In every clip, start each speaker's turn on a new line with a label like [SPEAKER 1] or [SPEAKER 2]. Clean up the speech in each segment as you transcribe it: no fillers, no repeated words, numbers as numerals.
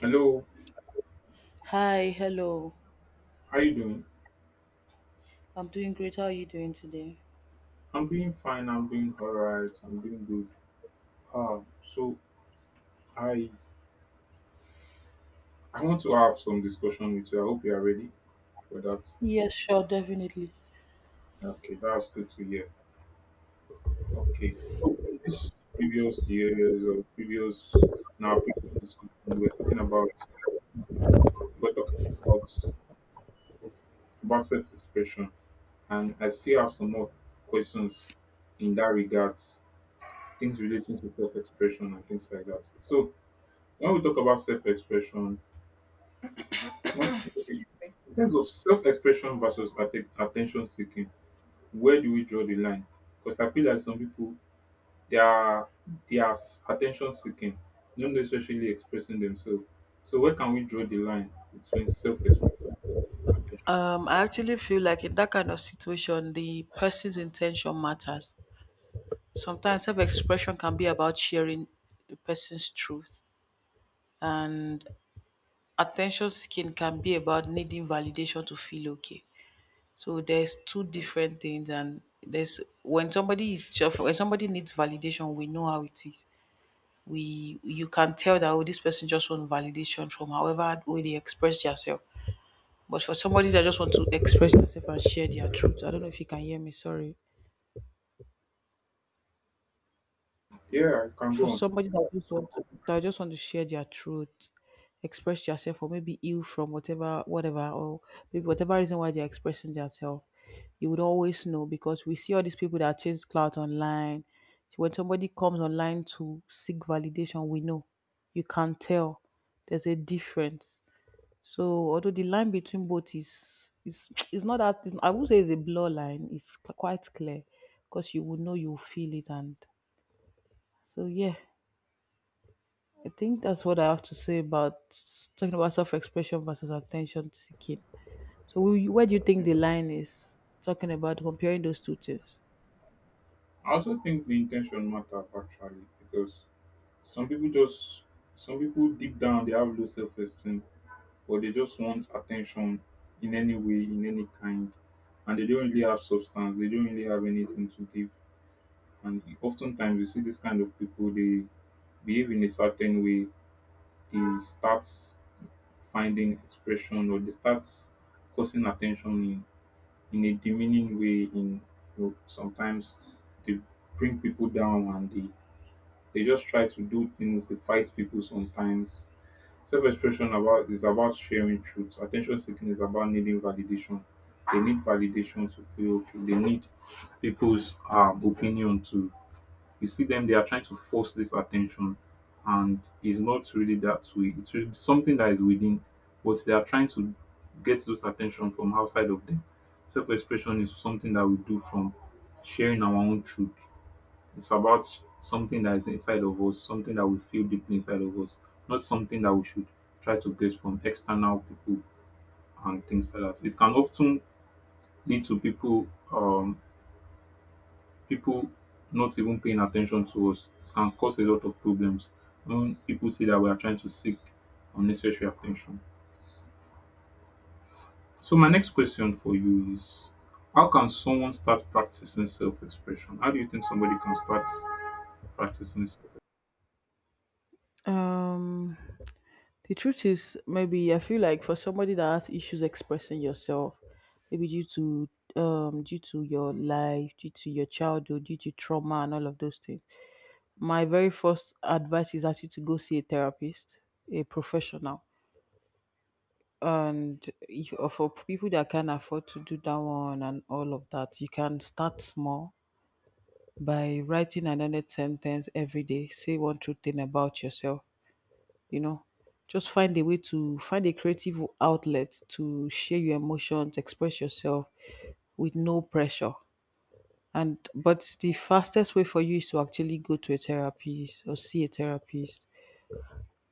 [SPEAKER 1] Hello,
[SPEAKER 2] Hi, hello.
[SPEAKER 1] how you doing?
[SPEAKER 2] I'm doing great. How are you doing today?
[SPEAKER 1] I'm doing fine. I'm doing all right. I'm doing good. Uh, so I I want to have some discussion with you. I hope you are ready for that.
[SPEAKER 2] Yes, sure, definitely.
[SPEAKER 1] Okay, that's good to hear. Okay, so in this previous years or previous now previous discussion, we're talking about we're talking about about self-expression, and I still have some more questions in that regards, things relating to self-expression and things like that. So when we talk about self-expression What,
[SPEAKER 2] Skip.
[SPEAKER 1] in terms of self-expression versus attention seeking, where do we draw the line? Because I feel like some people they are they are attention seeking, not necessarily expressing themselves. So where can we draw the line between self-expression and attention seeking?
[SPEAKER 2] I actually feel like in that kind of situation, the person's intention matters. Sometimes self expression can be about sharing the person's truth, and attention seeking can be about needing validation to feel okay. So there's two different things, and there's when somebody is just when somebody needs validation, we know how it is. We You can tell that, oh, this person just want validation from however way they express themselves, but for somebody that just want to express themselves and share their truth, I don't know if you can hear me, sorry.
[SPEAKER 1] Yeah, I can
[SPEAKER 2] For
[SPEAKER 1] go on.
[SPEAKER 2] somebody that that just want to share their truth, express yourself, or maybe ill from whatever, or maybe whatever reason why they're expressing themselves, you would always know because we see all these people that chase clout online. So when somebody comes online to seek validation, we know, you can tell, there's a difference. So although the line between both is it's not that it's, I would say it's a blur line. Quite clear, because you will know, you feel it, and so yeah. I think that's what I have to say about talking about self-expression versus attention seeking. So where do you think
[SPEAKER 1] Yeah.
[SPEAKER 2] the line is? Talking about comparing those two things.
[SPEAKER 1] I also think the intention matters actually because some people just some people deep down they have low self-esteem but they just want attention in any way, in any kind, and they don't really have substance. They don't really have anything to give. And oftentimes, you see this kind of people. They behave in a certain way. They start finding expression, or they start causing attention in a demeaning way. Sometimes they bring people down, and they just try to do things. They fight people sometimes. Self-expression about is about sharing truth. Attention seeking is about needing validation. They need validation to feel okay. They need people's opinion to. You see them, they are trying to force this attention, and it's not really that way. It's really something that is within, but they are trying to get those attention from outside of them. Self-expression is something that we do from sharing our own truth. It's about something that is inside of us, something that we feel deeply inside of us, not something that we should try to get from external people and things like that. It can often lead to um, people not even paying attention to us. It can cause a lot of problems when people see that we are trying to seek unnecessary attention. So my next question for you is, how can someone start practicing self-expression? How do you think somebody can start practicing self
[SPEAKER 2] Um. The truth is, maybe I feel like for somebody that has issues expressing yourself, maybe due to due to your life, due to your childhood, due to trauma and all of those things. My very first advice is actually to go see a therapist, a professional. And if, for people that can afford to do that one and all of that, you can start small by writing another sentence every day. Say one true thing about yourself, you know. Just find a way, to find a creative outlet, to share your emotions, express yourself with no pressure. And But the fastest way for you is to actually go to a therapist or see a therapist.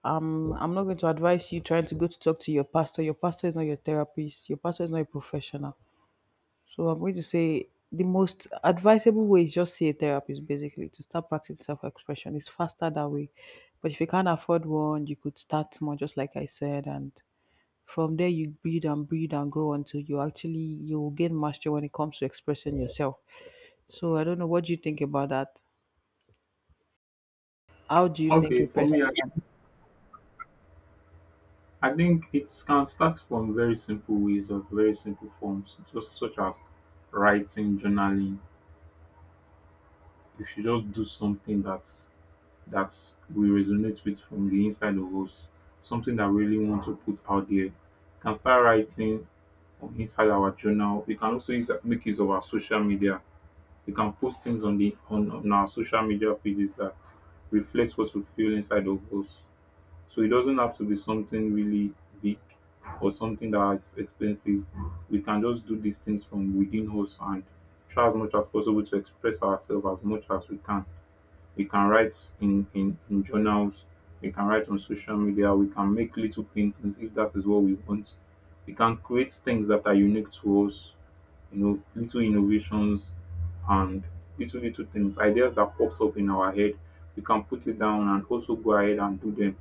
[SPEAKER 2] I'm not going to advise you trying to go to talk to your pastor. Your pastor is not your therapist, your pastor is not a professional. So I'm going to say the most advisable way is just see a therapist, basically, to start practicing self-expression. It's faster that way. But if you can't afford one, you could start small, just like I said. And From there, you breed and breed and grow until you actually you gain mastery when it comes to expressing yourself. So I don't know, what do you think about that? How do you think
[SPEAKER 1] Okay,
[SPEAKER 2] a
[SPEAKER 1] for me, I
[SPEAKER 2] person can?
[SPEAKER 1] I think it can start from very simple ways or very simple forms, just such as writing, journaling. If you just do something that we resonate with from the inside of us, something that we really want to put out there, we can start writing on inside our journal. We can also make use of our social media. We can post things on our social media pages that reflects what we feel inside of us. So it doesn't have to be something really big or something that's expensive. We can just do these things from within us and try as much as possible to express ourselves as much as we can. We can write in journals, we can write on social media, we can make little paintings if that is what we want. We can create things that are unique to us, little innovations and little things, ideas that pops up in our head. We can put it down and also go ahead and do them.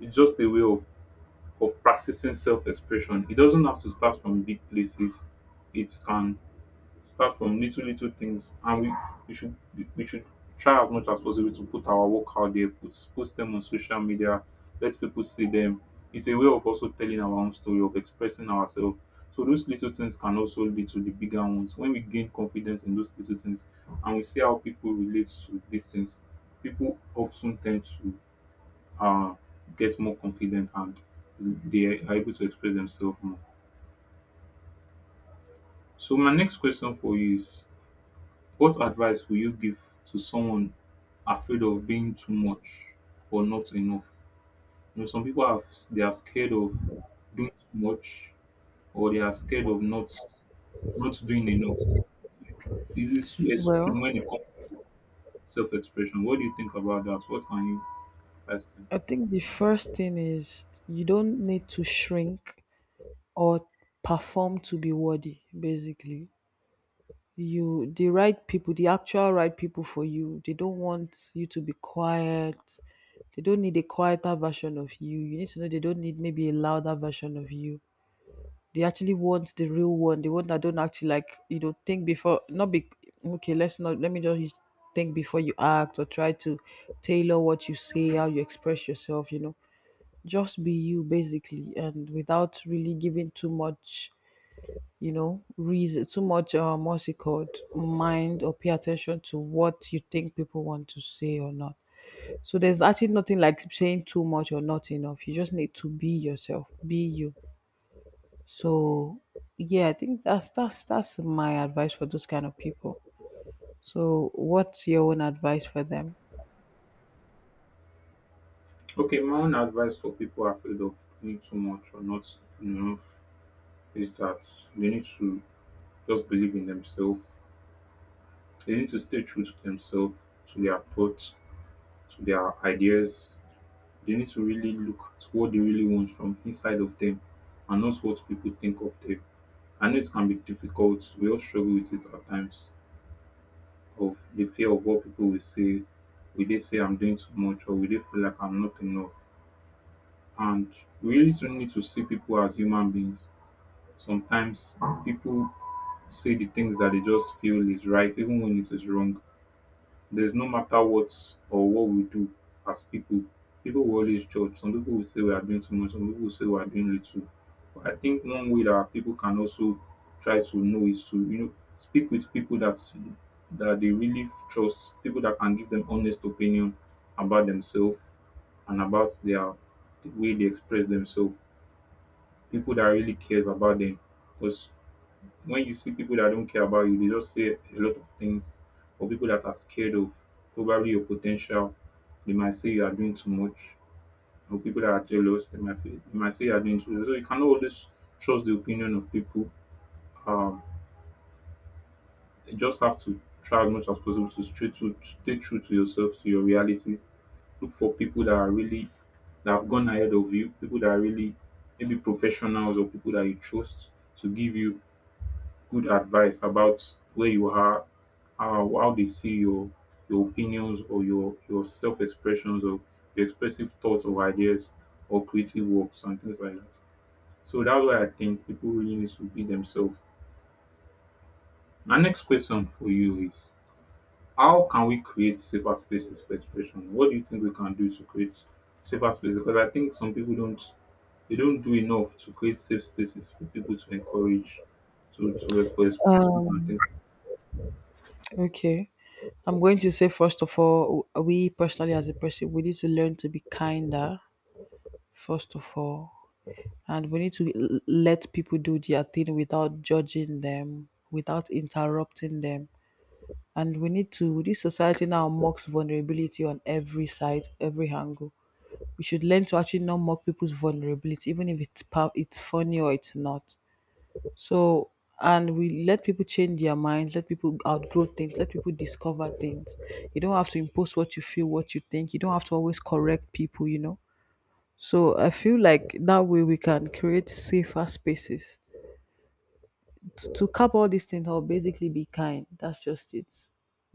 [SPEAKER 1] It's just a way of practicing self-expression. It doesn't have to start from big places. It can start from little things, and we should we should try as much as possible to put our work out there, post them on social media, let people see them. It's a way of also telling our own story, of expressing ourselves. So those little things can also lead to the bigger ones. When we gain confidence in those little things, and we see how people relate to these things, people often tend to uh, get more confident and they are able to express themselves more. So my next question for you is, what advice will you give to someone afraid of being too much or not enough? You know, some people are they are scared of doing too much or they are scared of not doing enough. It's, it's so
[SPEAKER 2] Well,
[SPEAKER 1] extreme when it comes to self-expression. What do you think about that? What can you advise them?
[SPEAKER 2] I think the first thing is you don't need to shrink or perform to be worthy, basically. You the right people, the actual right people for you, they don't want you to be quiet. They don't need a quieter version of you. You need to know they don't need maybe a louder version of you. They actually want the real one, the one that don't actually, like, you know, think before not be okay. Let's not, let me just use think before you act, or try to tailor what you say, how you express yourself. You know, just be you, basically, and without really giving too much, you know, reason, too much, what's it called, mind or pay attention to what you think people want to say or not. So there's actually nothing like saying too much or not enough. You just need to be yourself, be you. So yeah, I think that's my advice for those kind of people. So what's your own advice for them?
[SPEAKER 1] Okay, my own advice for people afraid of doing too much or not enough is that they need to just believe in themselves. They need to stay true to themselves, to their thoughts, to their ideas. They need to really look to what they really want from inside of them and not what people think of them. I know it can be difficult. We all struggle with it at times of the fear of what people will say. Will they say I'm doing too much, or will they feel like I'm not enough? And we really do need to see people as human beings. Sometimes people say the things that they just feel is right, even when it is wrong. There's no matter what or what we do as people, people will always judge. Some people will say we are doing too much, some people will say we are doing little. But I think one way that people can also try to know is to speak with people that they really trust, people that can give them honest opinion about themselves and about the way they express themselves, people that really cares about them. Because when you see people that don't care about you, they just say a lot of things, or people that are scared of probably your potential, they might say you are doing too much, or people that are jealous, they might say you are doing too much. So you cannot always trust the opinion of people. Um, you just have to try as much as possible to stay true to yourself, to your reality. Look for people that are really that have gone ahead of you, people that are really maybe professionals or people that you trust to give you good advice about where you are, how they see your opinions or your self expressions or your expressive thoughts or ideas or creative works and things like that. So that's why I think people really need to be themselves. My next question for you is, how can we create safer spaces for expression? What do you think we can do to create safer spaces? Because I think some people don't they don't do enough to create safe spaces for people to encourage to for expression and things.
[SPEAKER 2] Okay. I'm going to say, first of all, we personally as a person, we need to learn to be kinder, first of all, and we need to let people do their thing without judging them, without interrupting them, and we need to. This society now mocks vulnerability on every side, every angle. We should learn to actually not mock people's vulnerability, even if it's it's funny or it's not. So and we let people change their minds, let people outgrow things, let people discover things. You don't have to impose what you feel, what you think. You don't have to always correct people, you know. So I feel like that way we can create safer spaces. To cap all these things, or basically be kind. That's just it.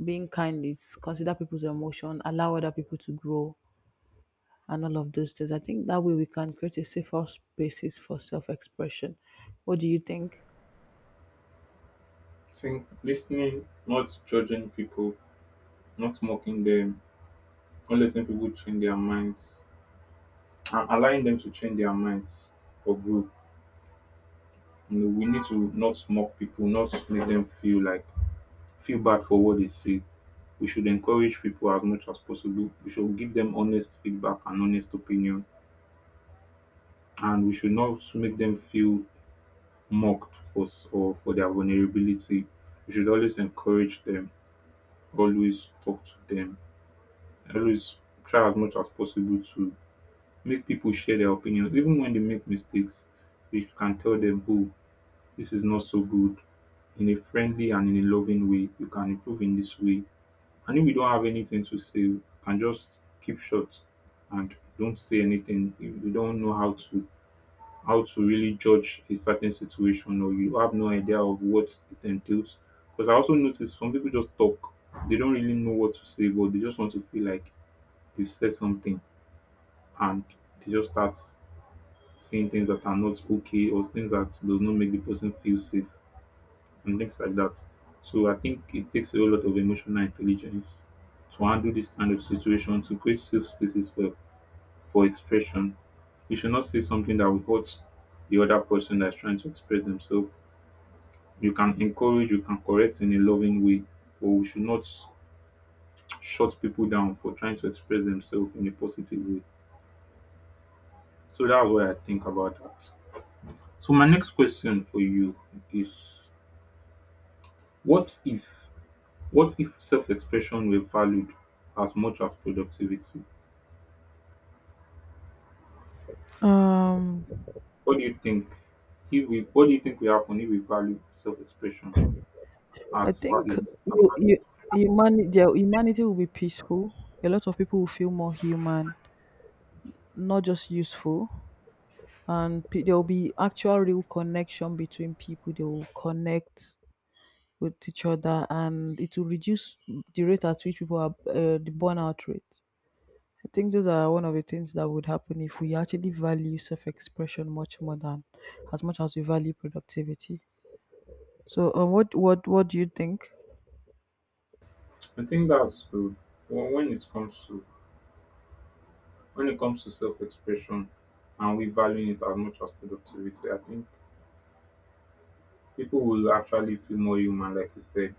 [SPEAKER 2] Being kind is consider people's emotion, allow other people to grow, and all of those things. I think that way we can create a safer spaces for self expression. What do you think?
[SPEAKER 1] I think listening, not judging people, not mocking them, not letting people change their minds, and allowing them to change their minds or grow. You know, we need to not mock people, not make them feel bad for what they say. We should encourage people as much as possible. We should give them honest feedback and honest opinion, and we should not make them feel mocked for s- or for their vulnerability. We should always encourage them, always talk to them, I always try as much as possible to make people share their opinions, even when they make mistakes. You can tell them, oh, this is not so good, in a friendly and in a loving way. You can improve in this way. And if we don't have anything to say, we can just keep short and don't say anything. If you don't know how to really judge a certain situation, or you have no idea of what it entails. Because I also notice some people just talk. They don't really know what to say, but they just want to feel like they've said something, and they just start saying things that are not okay, or things that does not make the person feel safe and things like that. So I think it takes a whole lot of emotional intelligence to handle this kind of situation, to create safe spaces for expression. You should not say something that will hurt the other person that's trying to express themselves. You can encourage, you can correct in a loving way, but we should not shut people down for trying to express themselves in a positive way. So that's what I think about that. So my next question for you is, what if what if self-expression were valued as much as productivity?
[SPEAKER 2] Um,
[SPEAKER 1] What do you think what do you think will happen if we value self-expression
[SPEAKER 2] I
[SPEAKER 1] as far
[SPEAKER 2] think
[SPEAKER 1] as value?
[SPEAKER 2] you, you, the humanity will be peaceful. A lot of people will feel more human, not just useful. And there will be actual real connection between people. They will connect with each other, and it will reduce the rate at which people are the burnout rate. I think those are one of the things that would happen if we actually value self-expression much more than as much as we value productivity. So, what do you think?
[SPEAKER 1] I think that's good. When it comes to self-expression and we valuing it as much as productivity, I think people will actually feel more human, like you said,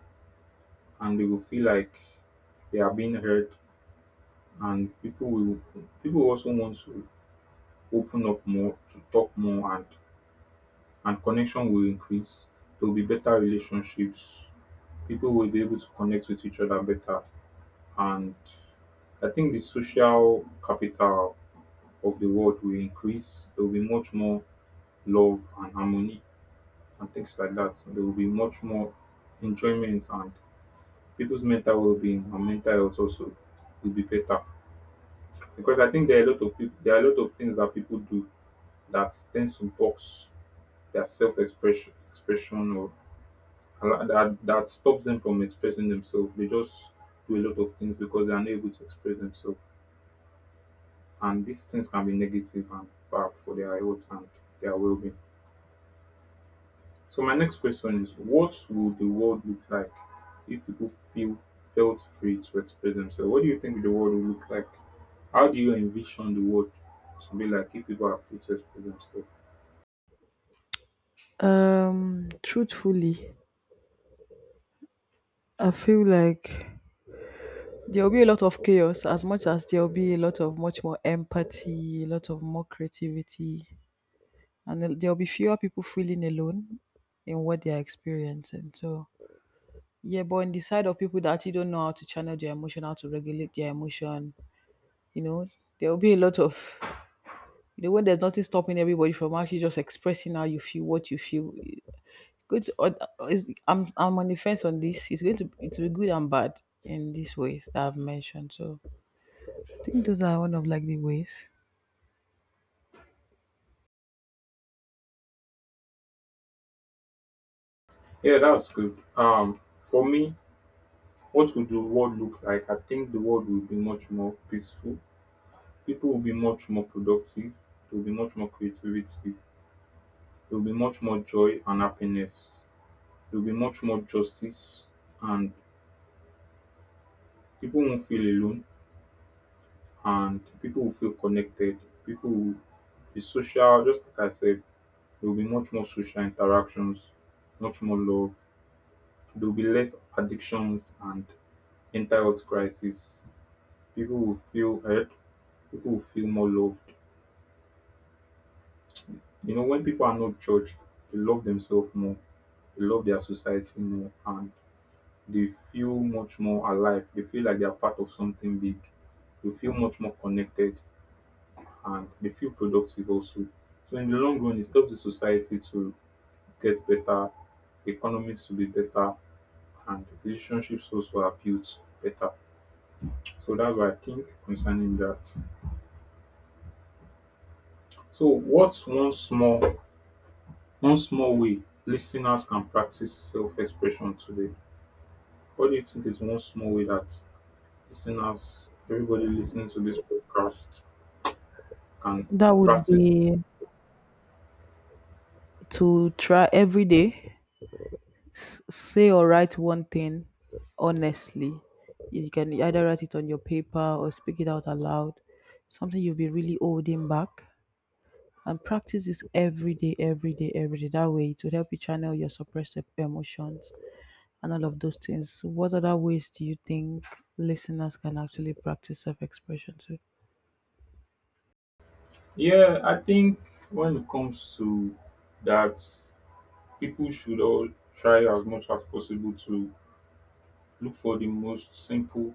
[SPEAKER 1] and they will feel like they are being heard, and people also want to open up more, to talk more, and connection will increase. There will be better relationships. People will be able to connect with each other better, and I think the social capital of the world will increase. There will be much more love and harmony and things like that. So there will be much more enjoyment, and people's mental well-being and mental health also will be better, because I think there are a lot of people, there are a lot of things that people do that tends to box their self expression or allow- that that stops them from expressing themselves. They just do a lot of things because they are not able to express themselves. And these things can be negative and bad for their health and their well being. So my next question is, what would the world look like if people feel felt free to express themselves? What do you think the world will look like? How do you envision the world to be like if people are free to express themselves?
[SPEAKER 2] Truthfully, I feel like there'll be a lot of chaos as much as there'll be a lot of much more empathy, a lot of more creativity, and there'll be fewer people feeling alone in what they're experiencing. So, yeah, but on the side of people that actually don't know how to channel their emotion, how to regulate their emotion, you know, there will be a lot of, you know, when there's nothing stopping everybody from actually just expressing how you feel, what you feel. Good. Or I'm on the fence on this. It's going to It will be good and bad in these ways that I've mentioned. So I think those are one of like the ways.
[SPEAKER 1] Yeah, that was good. For me, what would the world look like? I think the world will be much more peaceful. People will be much more productive. There will be much more creativity. There will be much more joy and happiness. There will be much more justice, and people won't feel alone. And people will feel connected. People will be social. Just like I said, there will be much more social interactions, much more love. There will be less addictions and mental health crisis. People will feel heard. People will feel more loved. You know, when people are not judged, they love themselves more, they love their society more, and they feel much more alive. They feel like they are part of something big. They feel much more connected, and they feel productive also. So, in the long run, it helps the society to get better, economics to be better, and relationships also are built better. So, that's what I think concerning that. So, what's one small way listeners can practice self expression today? What do you think is one small way that listeners, everybody listening to this podcast, can
[SPEAKER 2] That would
[SPEAKER 1] practice?
[SPEAKER 2] be to try every day say or write one thing honestly. You can either write it on your paper or speak it out aloud. Something you'll be really holding back, and practice this every day. That way, it will help you channel your suppressed emotions and all of those things. What other ways do you think listeners can actually practice self expression too?
[SPEAKER 1] Yeah, I think when it comes to that, people should all try as much as possible to look for the most simple,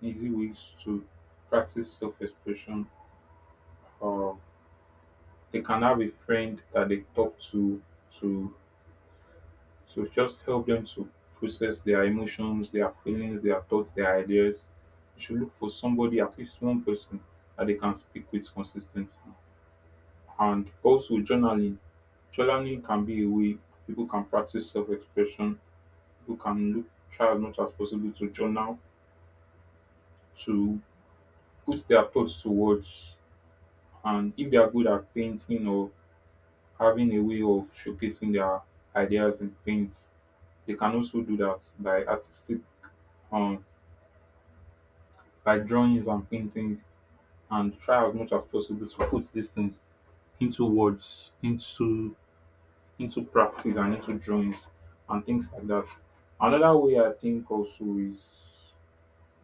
[SPEAKER 1] easy ways to practice self expression. Uh, they can have a friend that they talk to to so just help them to process their emotions, their feelings, their thoughts, their ideas. You should look for somebody, at least one person, that they can speak with consistently. And also journaling. Journaling can be a way people can practice self-expression. People can look, try as much as possible to journal, to put their thoughts to words. And if they are good at painting or having a way of showcasing their ideas in paints, they can also do that by artistic um, by drawings and paintings, and try as much as possible to put these things into words, into practice and into drawings and things like that. Another way I think also is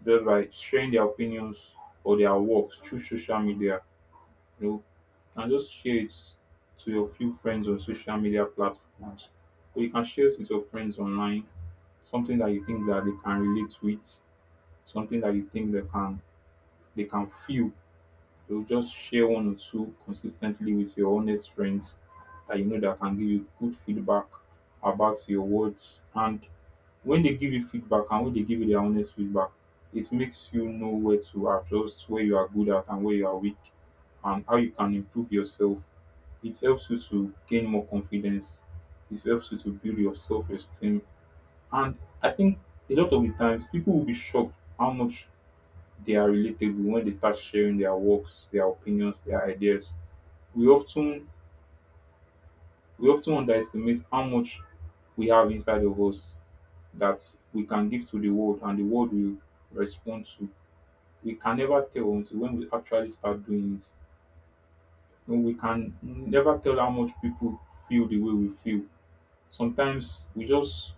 [SPEAKER 1] just by sharing their opinions or their works through social media, you know, and just share it to your few friends on social media platforms. Or you can share it with your friends online, something that you think that they can relate with, something that you think they can feel. You'll just share one or two consistently with your honest friends that you know that can give you good feedback about your words. And when they give you feedback, and when they give you their honest feedback, it makes you know where to adjust, where you are good at and where you are weak, and how you can improve yourself. It helps you to gain more confidence. It helps you to build your self esteem. And I think a lot of the times people will be shocked how much they are relatable when they start sharing their works, their opinions, their ideas. We often we often underestimate how much we have inside of us that we can give to the world and the world will respond to. We can never tell until when we actually start doing it. When we can never tell how much people feel the way we feel. Sometimes we just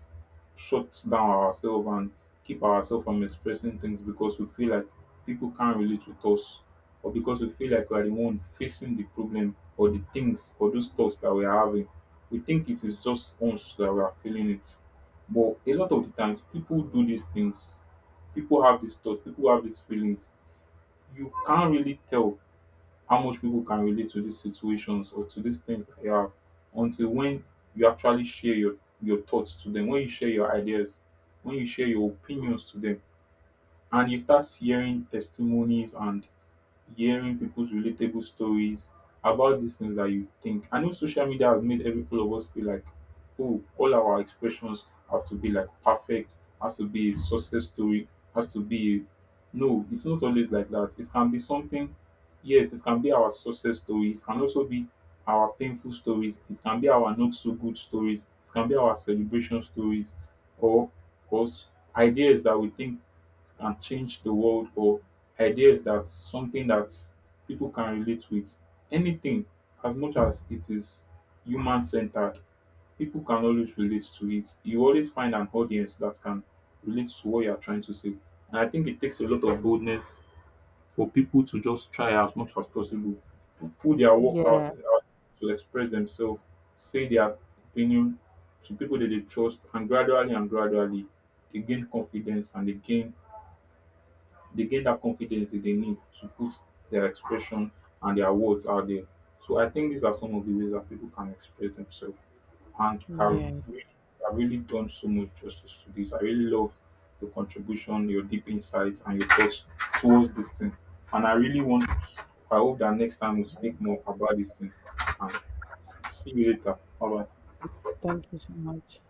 [SPEAKER 1] shuts down ourselves and keep ourselves from expressing things because we feel like people can't relate with us, or because we feel like we are the one facing the problem or the things or those thoughts that we are having. We think it is just us that we are feeling it. But a lot of the times people do these things. People have these thoughts, people have these feelings. You can't really tell how much people can relate to these situations or to these things that you have until when you actually share your thoughts to them, when you share your ideas, when you share your opinions to them, and you start hearing testimonies and hearing people's relatable stories about these things that you think. I know social media has made every all of us feel like, oh, all our expressions have to be like perfect, has to be a success story, has to be a no, it's not always like that. It can be something, yes, it can be our success stories. It can also be our painful stories, it can be our not so good stories, it can be our celebration stories or or ideas that we think and change the world, or ideas that something that people can relate with. Anything, as much as it is human centered, people can always relate to it. You always find an audience that can relate to what you are trying to say. And I think it takes a lot of boldness for people to just try as much as possible to pull their work out
[SPEAKER 2] Yeah,
[SPEAKER 1] out to express themselves, say their opinion to people that they trust, and gradually they gain confidence and they get that confidence that they need to put their expression and their words out there. So I think these are some of the ways that people can express themselves. And really,
[SPEAKER 2] yes.
[SPEAKER 1] I've really done so much justice to this. I really love your contribution, your deep insights, and your thoughts towards this thing. And I hope that next time we speak more about this thing. And see you later. Bye bye.
[SPEAKER 2] Thank you so much.